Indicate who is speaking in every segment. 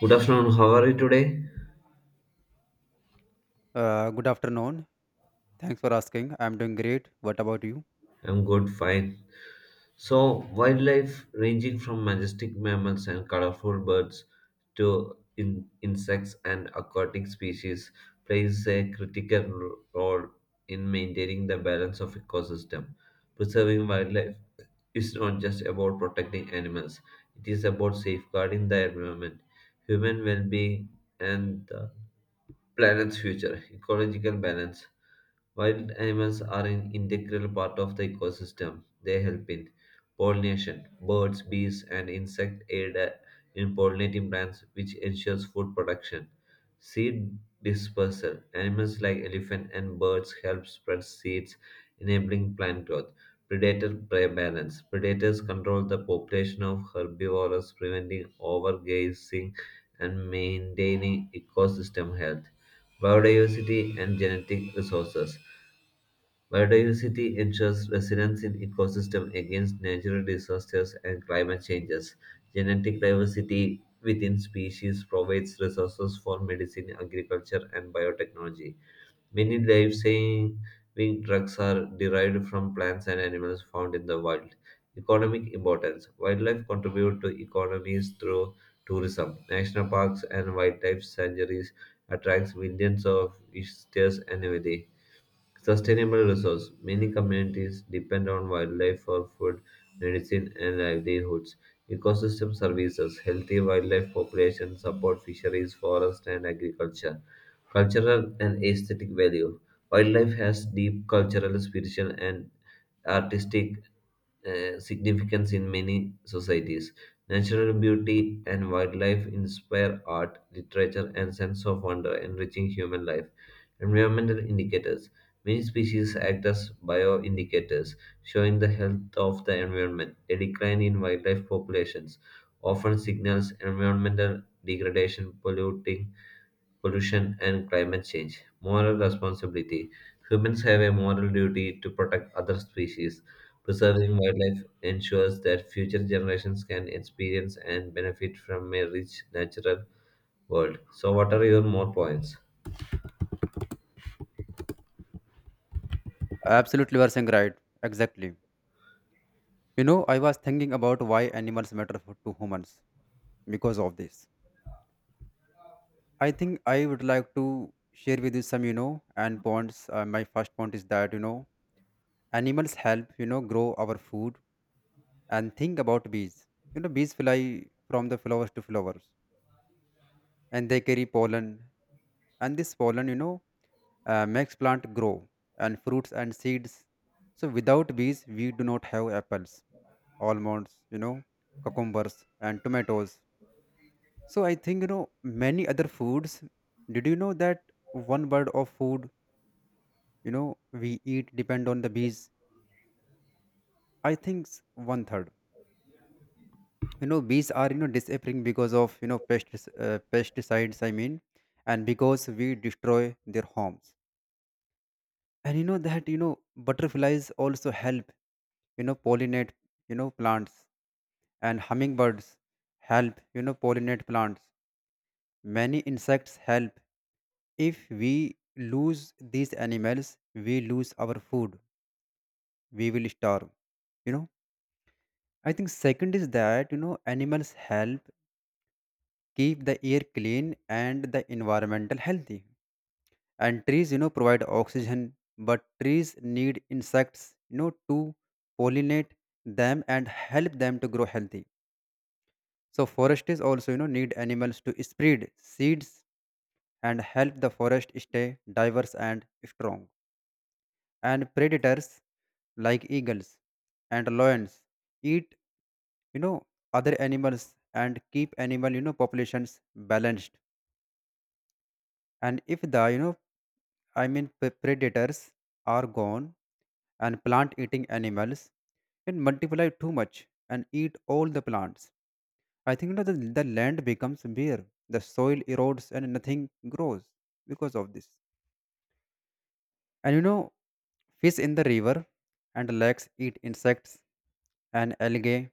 Speaker 1: Good afternoon, how are you today?
Speaker 2: Good afternoon. Thanks for asking. I'm doing great. What about you?
Speaker 1: I'm good, fine. So, wildlife ranging from majestic mammals and colorful birds to insects and aquatic species plays a critical role in maintaining the balance of ecosystem. Preserving wildlife is not just about protecting animals, it is about safeguarding the environment, human well-being and the planet's future, ecological balance. Wild animals are an integral part of the ecosystem. They help in pollination. Birds, bees, and insects aid, in pollinating plants, which ensures food production. Seed dispersal. Animals like elephant and birds help spread seeds, enabling plant growth. Predator prey balance. Predators control the population of herbivores, preventing overgrazing and maintaining ecosystem health, biodiversity and genetic resources. Biodiversity ensures resilience in ecosystem against natural disasters and climate changes. Genetic diversity within species provides resources for medicine, agriculture, and biotechnology. Many life-saving drugs are derived from plants and animals found in the wild. Economic importance: wildlife contribute to economies through tourism. National parks and wildlife sanctuaries attracts millions of visitors annually. Sustainable resource. Many communities depend on wildlife for food, medicine, and livelihoods. Ecosystem services. Healthy wildlife population support fisheries, forest, and agriculture. Cultural and aesthetic value. Wildlife has deep cultural, spiritual, and artistic, significance in many societies. Natural beauty and wildlife inspire art, literature, and sense of wonder, enriching human life. Environmental indicators. Many species act as bioindicators, showing the health of the environment. A decline in wildlife populations often signals environmental degradation, polluting, pollution, and climate change. Moral responsibility. Humans have a moral duty to protect other species. Preserving wildlife ensures that future generations can experience and benefit from a rich natural world. So, what are your more points?
Speaker 2: Absolutely, you are saying right. Exactly. I was thinking about why animals matter to humans because of this. I think I would like to share with you some, and points. My first point is that, animals help, grow our food. And think about bees. Bees fly from the flowers to flowers, and they carry pollen, and this pollen makes plant grow and fruits and seeds. So without bees, we do not have apples, almonds, cucumbers, and tomatoes. So I think, many other foods. Did you know that one bird of food, you know we eat depend on the bees? I think one third. Bees are disappearing because of, pestis pesticides, I mean. And because we destroy their homes. And you know that you know butterflies also help pollinate plants. And hummingbirds help pollinate plants. Many insects help. If we lose these animals, we lose our food. We will starve you know I think second is that, animals help keep the air clean and the environmental healthy. And trees provide oxygen. But trees need insects to pollinate them and help them to grow healthy. So foresters also, need animals to spread seeds and help the forest stay diverse and strong. And predators like eagles and lions eat, you know, other animals and keep animal, populations balanced. And if the, I mean, predators are gone, and plant eating animals can multiply too much and eat all the plants. I think, the land becomes bare, the soil erodes, and nothing grows because of this. And fish in the river and lakes eat insects and algae.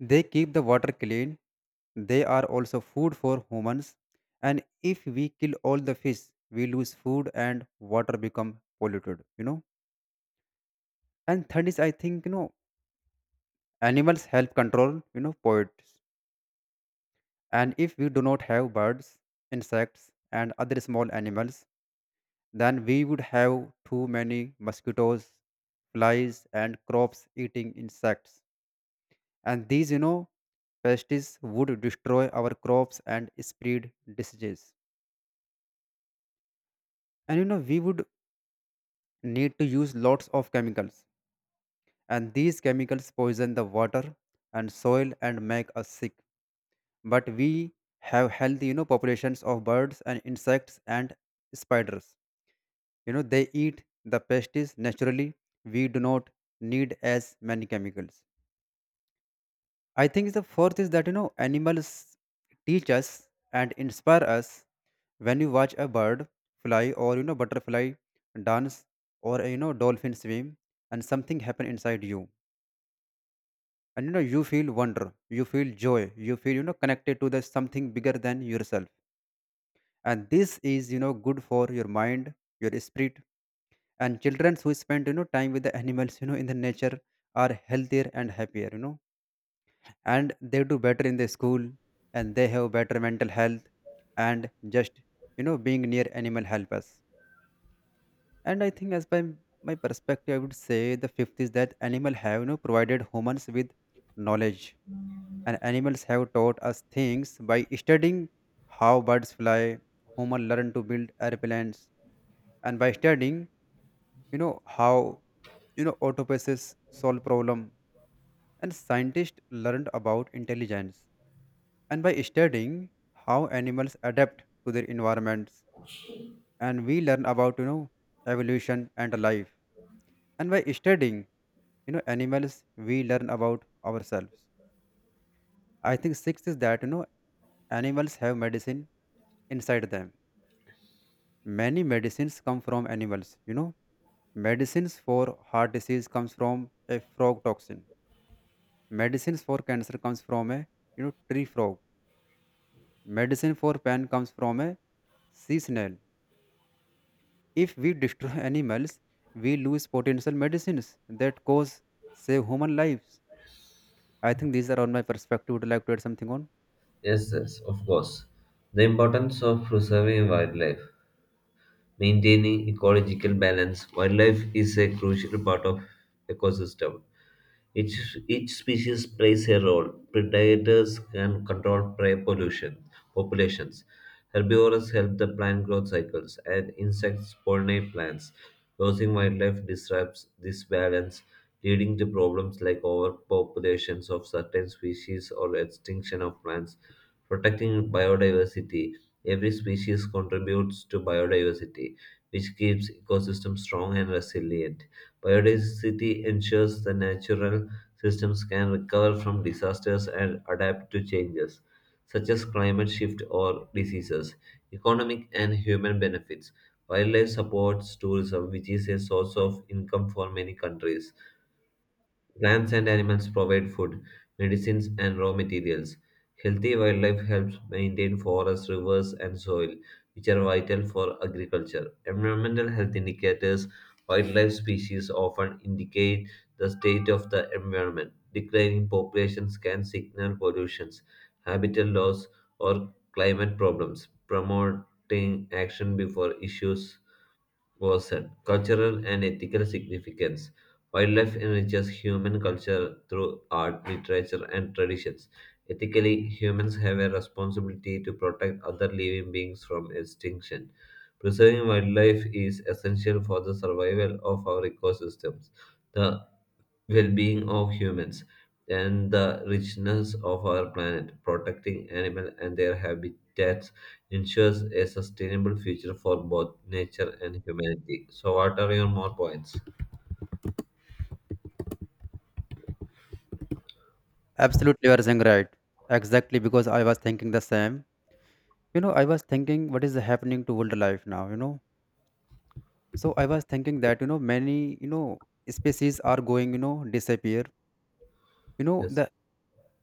Speaker 2: They keep the water clean. They are also food for humans. And if we kill all the fish, we lose food and water become polluted. And third is, I think, animals help control, poets. And if we do not have birds, insects, and other small animals, then we would have too many mosquitoes, flies, and crops eating insects. And these, pests would destroy our crops and spread diseases. And we would need to use lots of chemicals. And these chemicals poison the water and soil and make us sick. But we have healthy, populations of birds and insects and spiders. They eat the pests naturally. We do not need as many chemicals. I think the fourth is that, animals teach us and inspire us. When you watch a bird fly, or butterfly dance, or dolphin swim, and something happen inside you, and you feel wonder, you feel joy, you feel connected to the something bigger than yourself. And this is good for your mind, your spirit, and children who spend time with the animals in the nature are healthier and happier. And they do better in the school, and they have better mental health, and just being near animal help us. And I think, as by my perspective, I would say the fifth is that animal have provided humans with knowledge. And animals have taught us things. By studying how birds fly, human learn to build airplanes. And by studying how autopuses solve problem, and scientists learned about intelligence. And by studying how animals adapt to their environments, and we learn about evolution and life. And by studying animals, we learn about ourselves. I think sixth is that, animals have medicine inside them. Many medicines come from animals. Medicines for heart disease comes from a frog toxin. Medicines for cancer comes from a tree frog. Medicine for pain comes from a sea snail. If we destroy animals, we lose potential medicines that cause save human lives. I think these are on my perspective. Would you like to add something on?
Speaker 1: Yes, yes, of course. The importance of preserving wildlife, maintaining ecological balance. Wildlife is a crucial part of ecosystem. Each species plays a role. Predators can control prey pollution, populations. Herbivores help the plant growth cycles, and insects pollinate plants. Losing wildlife disrupts this balance, leading to problems like overpopulations of certain species or extinction of plants. Protecting biodiversity. Every species contributes to biodiversity, which keeps ecosystems strong and resilient. Biodiversity ensures the natural systems can recover from disasters and adapt to changes, such as climate shift or diseases. Economic and human benefits. Wildlife supports tourism, which is a source of income for many countries. Plants and animals provide food, medicines, and raw materials. Healthy wildlife helps maintain forests, rivers, and soil, which are vital for agriculture. Environmental health indicators: wildlife species often indicate the state of the environment. Declining populations can signal pollutions, habitat loss, or climate problems, promoting action before issues. Ocean. Cultural and ethical significance. Wildlife enriches human culture through art, literature, and traditions. Ethically, humans have a responsibility to protect other living beings from extinction. Preserving wildlife is essential for the survival of our ecosystems, the well being of humans, and the richness of our planet. Protecting animals and their habitats ensures a sustainable future for both nature and humanity. So, what are your more points?
Speaker 2: Absolutely, you are saying right. Exactly, because I was thinking the same. I was thinking what is happening to world life now. So I was thinking that many species are going disappear.
Speaker 1: Yes,
Speaker 2: The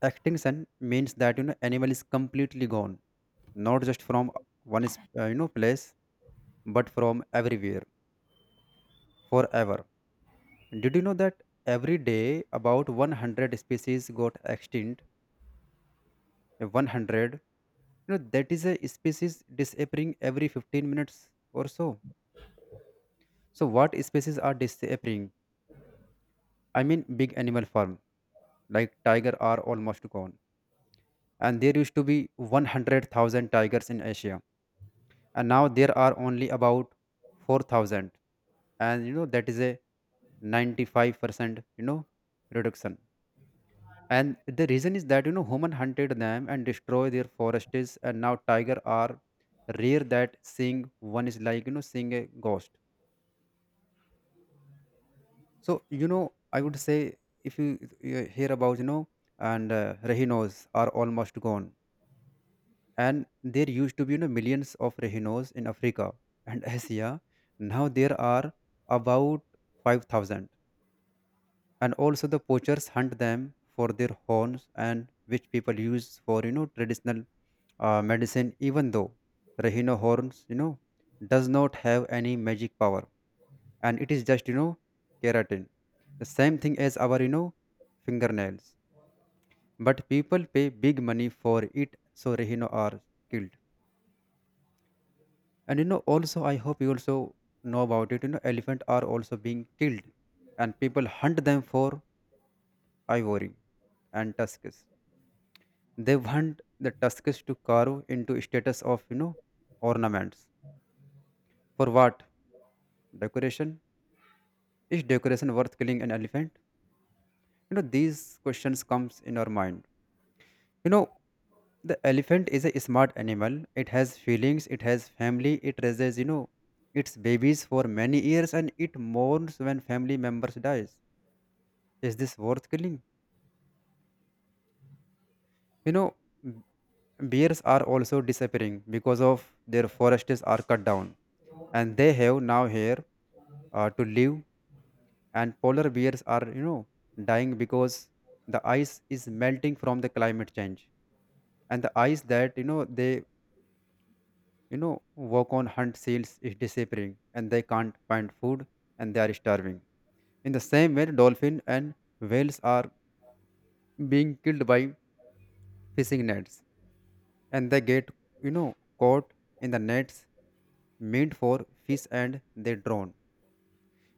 Speaker 2: extinction means that, animal is completely gone, not just from one is, place, but from everywhere forever. Did you know that every day about 100 species got extinct? 100. That is a species disappearing every 15 minutes or so. So, what species are disappearing? I mean, big animal farm like tiger are almost gone. And there used to be 100,000 tigers in Asia. And now there are only about 4,000. And that is a 95%, reduction. And the reason is that, human hunted them and destroyed their forests, and now tiger are rare that seeing one is like, seeing a ghost. So I would say, if you hear about, and rhinos are almost gone. And there used to be millions of rhinos in Africa and Asia. Now there are about 5,000. And also the poachers hunt them for their horns, and which people use for traditional medicine, even though rhino horns does not have any magic power. And it is just, keratin, the same thing as our fingernails. But people pay big money for it. So rhino are killed. And, also, I hope you also know about it. Elephant are also being killed. And people hunt them for ivory and tusks. They want the tusks to carve into status of ornaments. For what? Decoration? Is decoration worth killing an elephant? These questions comes in our mind. You know the elephant is a smart animal. It has feelings. It has family. It raises its babies for many years, and it mourns when family members dies. Is this worth killing? You know b- bears are also disappearing because of their forests are cut down, and they have now here to live. And polar bears are dying because the ice is melting from the climate change. And the ice that they walk on hunt seals is disappearing, and they can't find food, and they are starving. In the same way, dolphin and whales are being killed by fishing nets, and they get you know caught in the nets meant for fish, and they drown.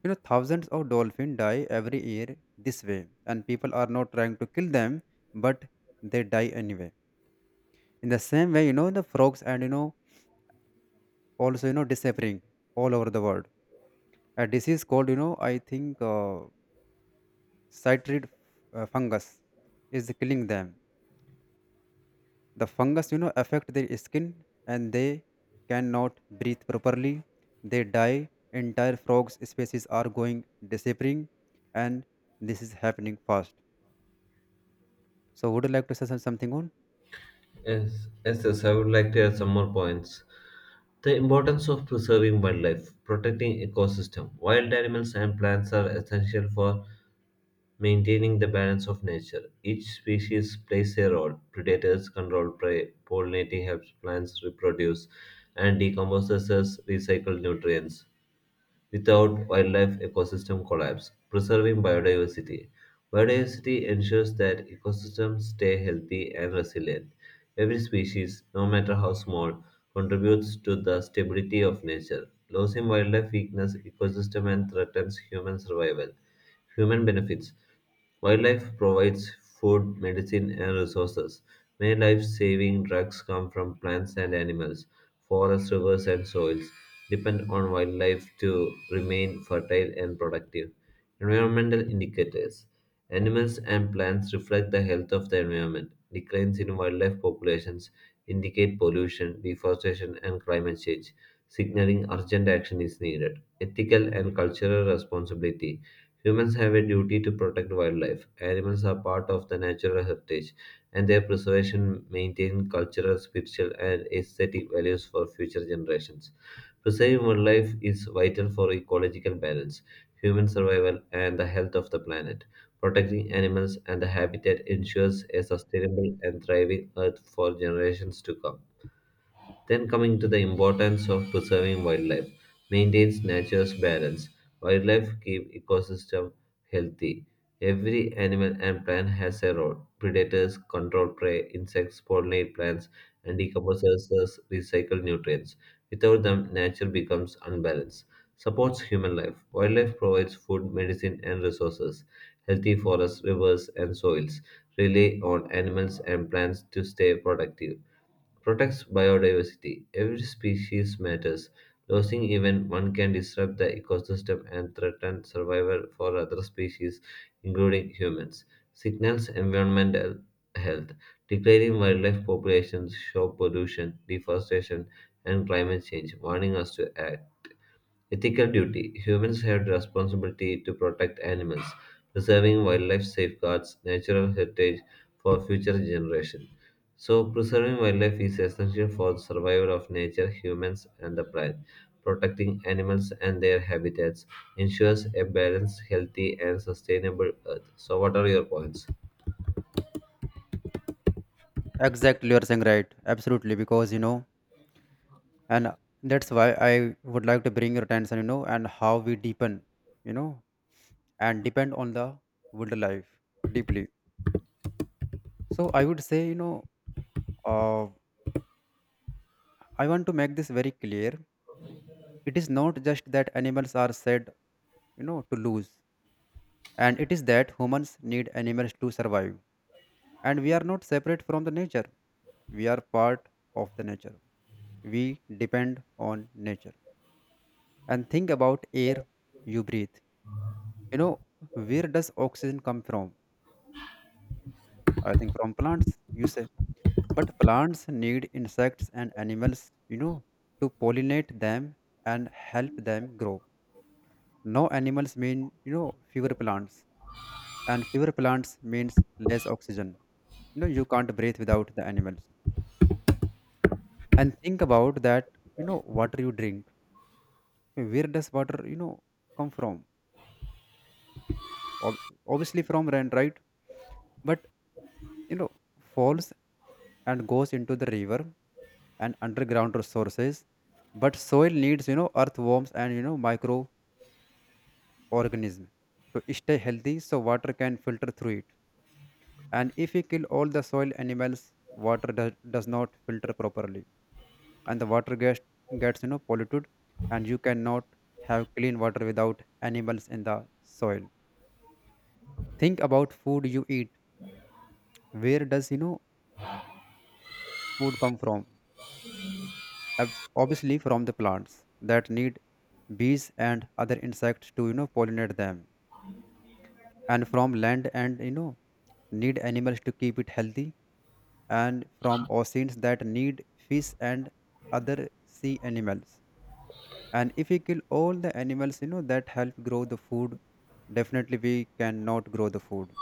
Speaker 2: Thousands of dolphins die every year this way, and people are not trying to kill them, but they die anyway. In the same way, the frogs and, also, disappearing all over the world. A disease called, I think chytrid fungus is killing them. The fungus, affect their skin and they cannot breathe properly. They die. Entire frogs species are going disappearing, and this is happening fast. So, would you like to say something on?
Speaker 1: yes. I would like to add some more points. The importance of preserving wildlife, protecting ecosystem. Wild animals and plants are essential for maintaining the balance of nature. Each species plays a role. Predators control prey, pollinating helps plants reproduce, and decomposers recycle nutrients. Without wildlife ecosystem collapse. Preserving biodiversity. Biodiversity ensures that ecosystems stay healthy and resilient. Every species, no matter how small, contributes to the stability of nature. Losing wildlife weakens ecosystem and threatens human survival. Human benefits: wildlife provides food, medicine, and resources. Many life saving drugs come from plants and animals. Forests, rivers, and soils depend on wildlife to remain fertile and productive. Environmental indicators: animals and plants reflect the health of the environment. Declines in wildlife populations indicate pollution, deforestation, and climate change, signaling urgent action is needed. Ethical and cultural responsibility: humans have a duty to protect wildlife. Animals are part of the natural heritage, and their preservation maintains cultural, spiritual, and aesthetic values for future generations. Preserving wildlife is vital for ecological balance, human survival, and the health of the planet. Protecting animals and the habitat ensures a sustainable and thriving Earth for generations to come. Then coming to the importance of preserving wildlife, maintains nature's balance. Wildlife keep ecosystem healthy. Every animal and plant has a role. Predators control prey, insects pollinate plants, and decomposers recycle nutrients. Without them, nature becomes unbalanced. Supports human life. Wildlife provides food, medicine, and resources. Healthy forests, rivers, and soils rely on animals and plants to stay productive. Protects biodiversity. Every species matters. Losing even one can disrupt the ecosystem and threaten survival for other species, including humans. Signals environmental health. Declining wildlife populations show pollution, deforestation, and climate change, warning us to act. Ethical duty. Humans have the responsibility to protect animals, preserving wildlife safeguards natural heritage for future generations. So, preserving wildlife is essential for the survival of nature, humans, and the planet. Protecting animals and their habitats ensures a balanced, healthy, and sustainable Earth. So, what are your points?
Speaker 2: Exactly, you are saying right. Absolutely, because, and that's why I would like to bring your attention, and how we deepen, you know, and depend on the wildlife deeply. So I would say, uh, I want to make this very clear. It is not just that animals are said, to lose, and it is that humans need animals to survive, and we are not separate from the nature. We are part of the nature. We depend on nature. And think about air you breathe you know where does oxygen come from? I think from plants, you say. But plants need insects and animals, you know to pollinate them and help them grow. No animals mean, fewer plants, and fewer plants means less oxygen. You know, you can't breathe without the animals. And think about that, water you drink. Where does water come from? Ob- Obviously from rain, right? But, you know falls and goes into the river and underground resources. But soil needs, earthworms and, microorganisms, to stay healthy so water can filter through it. And if we kill all the soil animals, water does not filter properly, and the water gets polluted, and you cannot have clean water without animals in the soil. Think about food you eat. Where does, food come from? Obviously from the plants that need bees and other insects to, pollinate them, and from land and, need animals to keep it healthy, and from oceans that need fish and other sea animals. And if we kill all the animals, that help grow the food, definitely we cannot grow the food.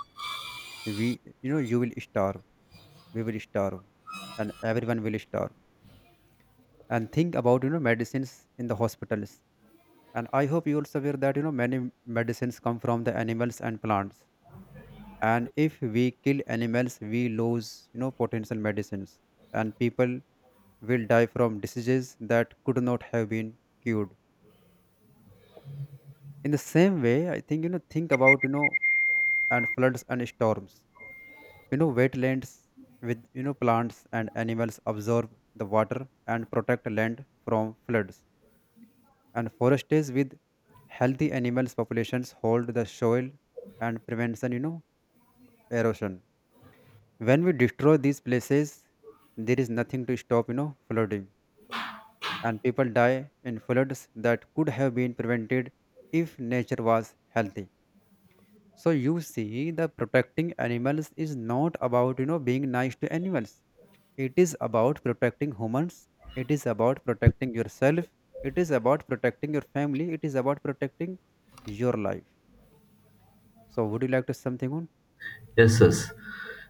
Speaker 2: We you know You will starve, we will starve, and everyone will starve. And think about, medicines in the hospitals. And I hope you also aware that, many medicines come from the animals and plants. And if we kill animals, we lose, potential medicines, and people will die from diseases that could not have been cured. In the same way, I think, think about, and floods and storms. You know, wetlands with, plants and animals absorb the water and protect land from floods. And forests with healthy animals populations hold the soil, and prevention, erosion. When we destroy these places, there is nothing to stop, flooding, and people die in floods that could have been prevented if nature was healthy. So you see, the protecting animals is not about, being nice to animals. It is about protecting humans. It is about protecting yourself. It is about protecting your family. It is about protecting your life. So would you like to say something on?
Speaker 1: Yes.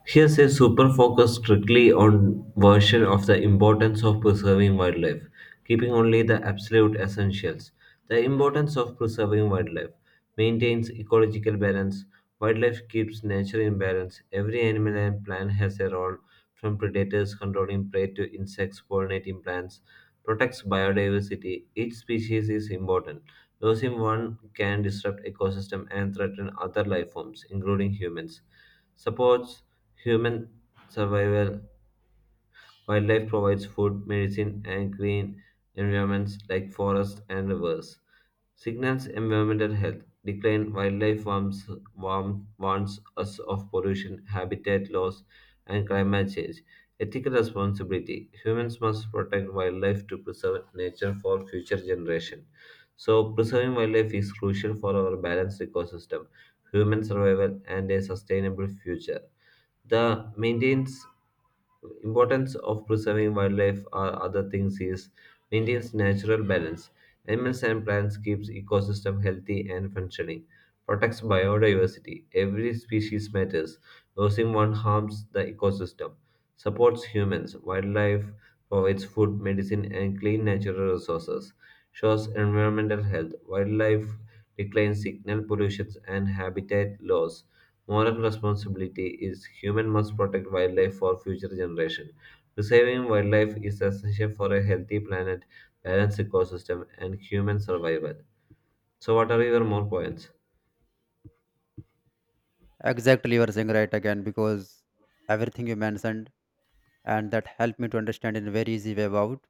Speaker 1: Here's a super focus strictly on version of the importance of preserving wildlife, keeping only the absolute essentials. The importance of preserving wildlife maintains ecological balance. Wildlife keeps nature in balance. Every animal and plant has a role, from predators controlling prey to insects pollinating plants. Protects biodiversity. Each species is important. Losing one can disrupt ecosystem and threaten other life forms, including humans. Supports human survival. Wildlife provides food, medicine, and green environments like forests and rivers. Signals environmental health. Decline wildlife warns us of pollution, habitat loss, and climate change. Ethical responsibility. Humans must protect wildlife to preserve nature for future generations. So, preserving wildlife is crucial for our balanced ecosystem, human survival, and a sustainable future. The maintains importance of preserving wildlife are other things is maintains natural balance. Animals and plants keeps ecosystem healthy and functioning. Protects biodiversity. Every species matters. Losing one harms the ecosystem. Supports humans. Wildlife provides food, medicine, and clean natural resources. Shows environmental health. Wildlife decline signal pollution and habitat loss. Moral responsibility is human must protect wildlife for future generation. Preserving wildlife is essential for a healthy planet, balanced ecosystem, and human survival. So, what are your more points?
Speaker 2: Exactly, you are saying right again, because everything you mentioned, and that helped me to understand in a very easy way about.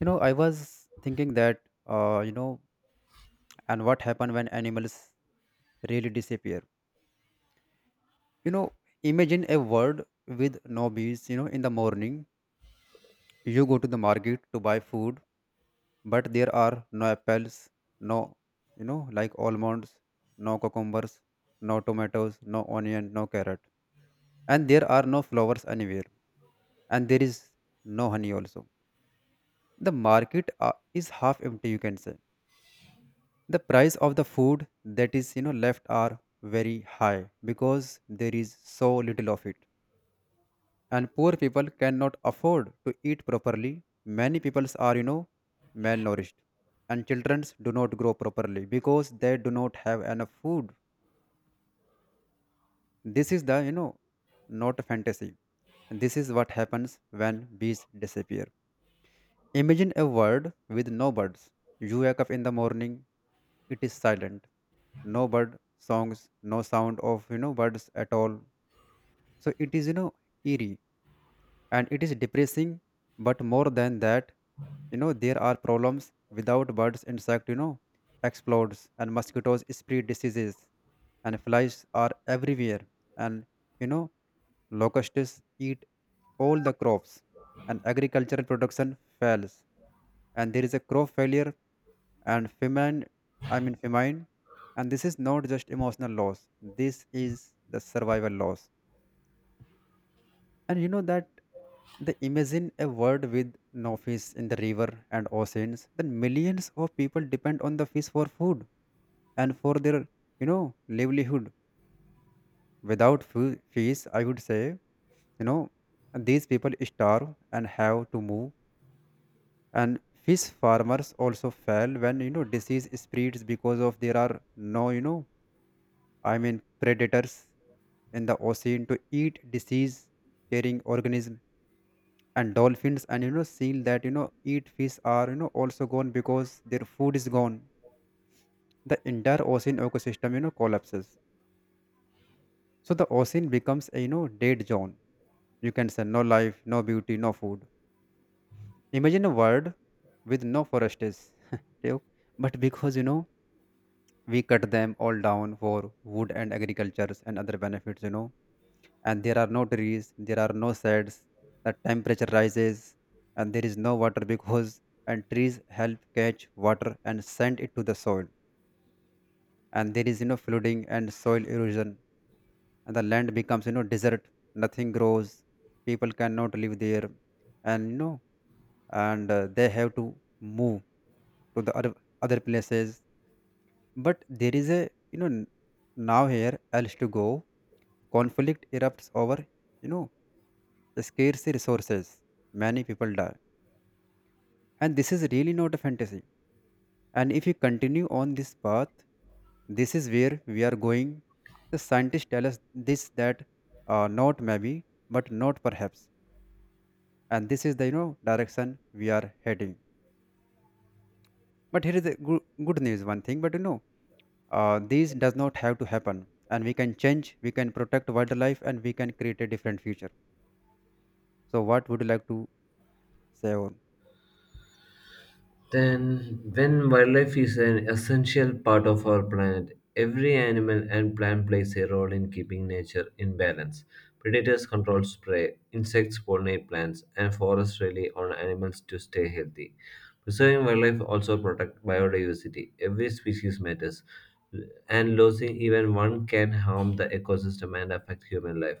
Speaker 2: You know, I was thinking that, and what happen when animals really disappear. You know, imagine a world with no bees. You know, in the morning, you go to the market to buy food, but there are no apples, no, like almonds, no cucumbers, no tomatoes, no onion, no carrot, and there are no flowers anywhere, and there is no honey also. The market, is half empty, you can say. The price of the food that is, left are very high because there is so little of it, and poor people cannot afford to eat properly. Many peoples are, malnourished, and children do not grow properly because they do not have enough food. This is the, not a fantasy. This is what happens when bees disappear. Imagine a world with no birds. You wake up in the morning. It is silent. No bird songs, no sound of, birds at all. So it is, eerie, and it is depressing. But more than that, you know, there are problems. Without birds, insect, explodes, and mosquitoes spread diseases, and flies are everywhere, and, you know locusts eat all the crops, and agricultural production fails, and there is a crop failure and famine. I mean, famine. And this is not just emotional loss, this is the survival loss. And you know that they imagine a world with no fish in the river and oceans, then millions of people depend on the fish for food and for their, livelihood. Without fish, I would say, you know, these people starve and have to move. And fish farmers also fail when, disease spreads because of there are no, I mean, predators in the ocean to eat disease carrying organism. And dolphins and, seal that, eat fish are, also gone because their food is gone. The entire ocean ecosystem, collapses, so the ocean becomes a, dead zone, you can say. No life, no beauty, no food. Imagine a world with no forests you know, but because, we cut them all down for wood and agricultures and other benefits. You know, and there are no trees, there are no shades, the temperature rises, and there is no water because, and trees help catch water and send it to the soil. And there is, flooding and soil erosion, and the land becomes, desert. Nothing grows. People cannot live there, and, they have to move to the other places. But there is a, now here else to go. Conflict erupts over, you know scarce resources, many people die. And this is really not a fantasy. And if we continue on this path, this is where we are going. The scientists tell us this, that, not maybe, but not perhaps. And this is the, direction we are heading. But here is the good news. One thing, but, this does not have to happen. And we can change, we can protect wildlife, and we can create a different future. So, what would you like to say? Or
Speaker 1: Then, when wildlife is an essential part of our planet, every animal and plant plays a role in keeping nature in balance. Predators control prey, insects pollinate plants, and forests rely on animals to stay healthy. Preserving wildlife also protects biodiversity. Every species matters, and losing even one can harm the ecosystem and affect human life.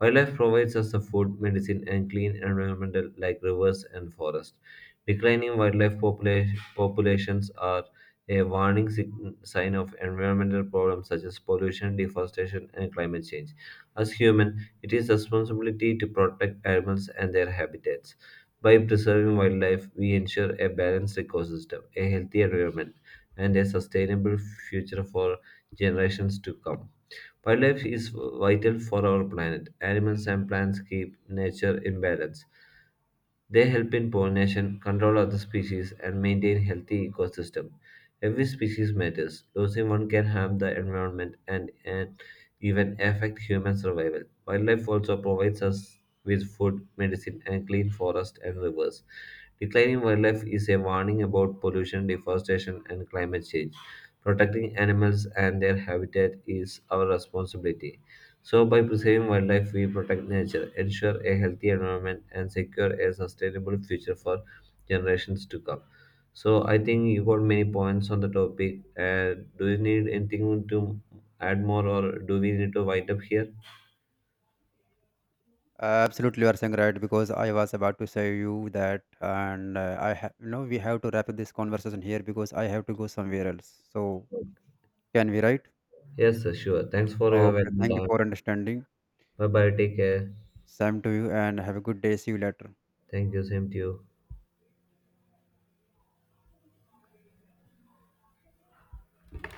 Speaker 1: Wildlife provides us the food, medicine, and clean environment like rivers and forests. Declining wildlife populations are a warning sign of environmental problems such as pollution, deforestation, and climate change. As humans, it is responsibility to protect animals and their habitats. By preserving wildlife, we ensure a balanced ecosystem, a healthy environment, and a sustainable future for generations to come. Wildlife is vital for our planet. Animals and plants keep nature in balance, they help in pollination, control other species, and maintain healthy ecosystem. Every species matters. Losing one can harm the environment and even affect human survival. Wildlife also provides us with food, medicine, and clean forests and rivers. Declining wildlife is a warning about pollution, deforestation, and climate change. Protecting animals and their habitat is our responsibility. So, by preserving wildlife, we protect nature, ensure a healthy environment, and secure a sustainable future for generations to come. So, I think you got many points on the topic. Do you need anything to add more, or do we need to wind up here?
Speaker 2: absolutely, you are saying right, because I was about to say you that, and, I have, we have to wrap up this conversation here because I have to go somewhere else. So can we, right?
Speaker 1: Yes, sir, sure. Thanks for your
Speaker 2: Okay,
Speaker 1: valuable
Speaker 2: thank you
Speaker 1: time.
Speaker 2: for understanding.
Speaker 1: Bye bye. Take care.
Speaker 2: Same to you, and have a good day. See you later.
Speaker 1: Thank you. Same to you.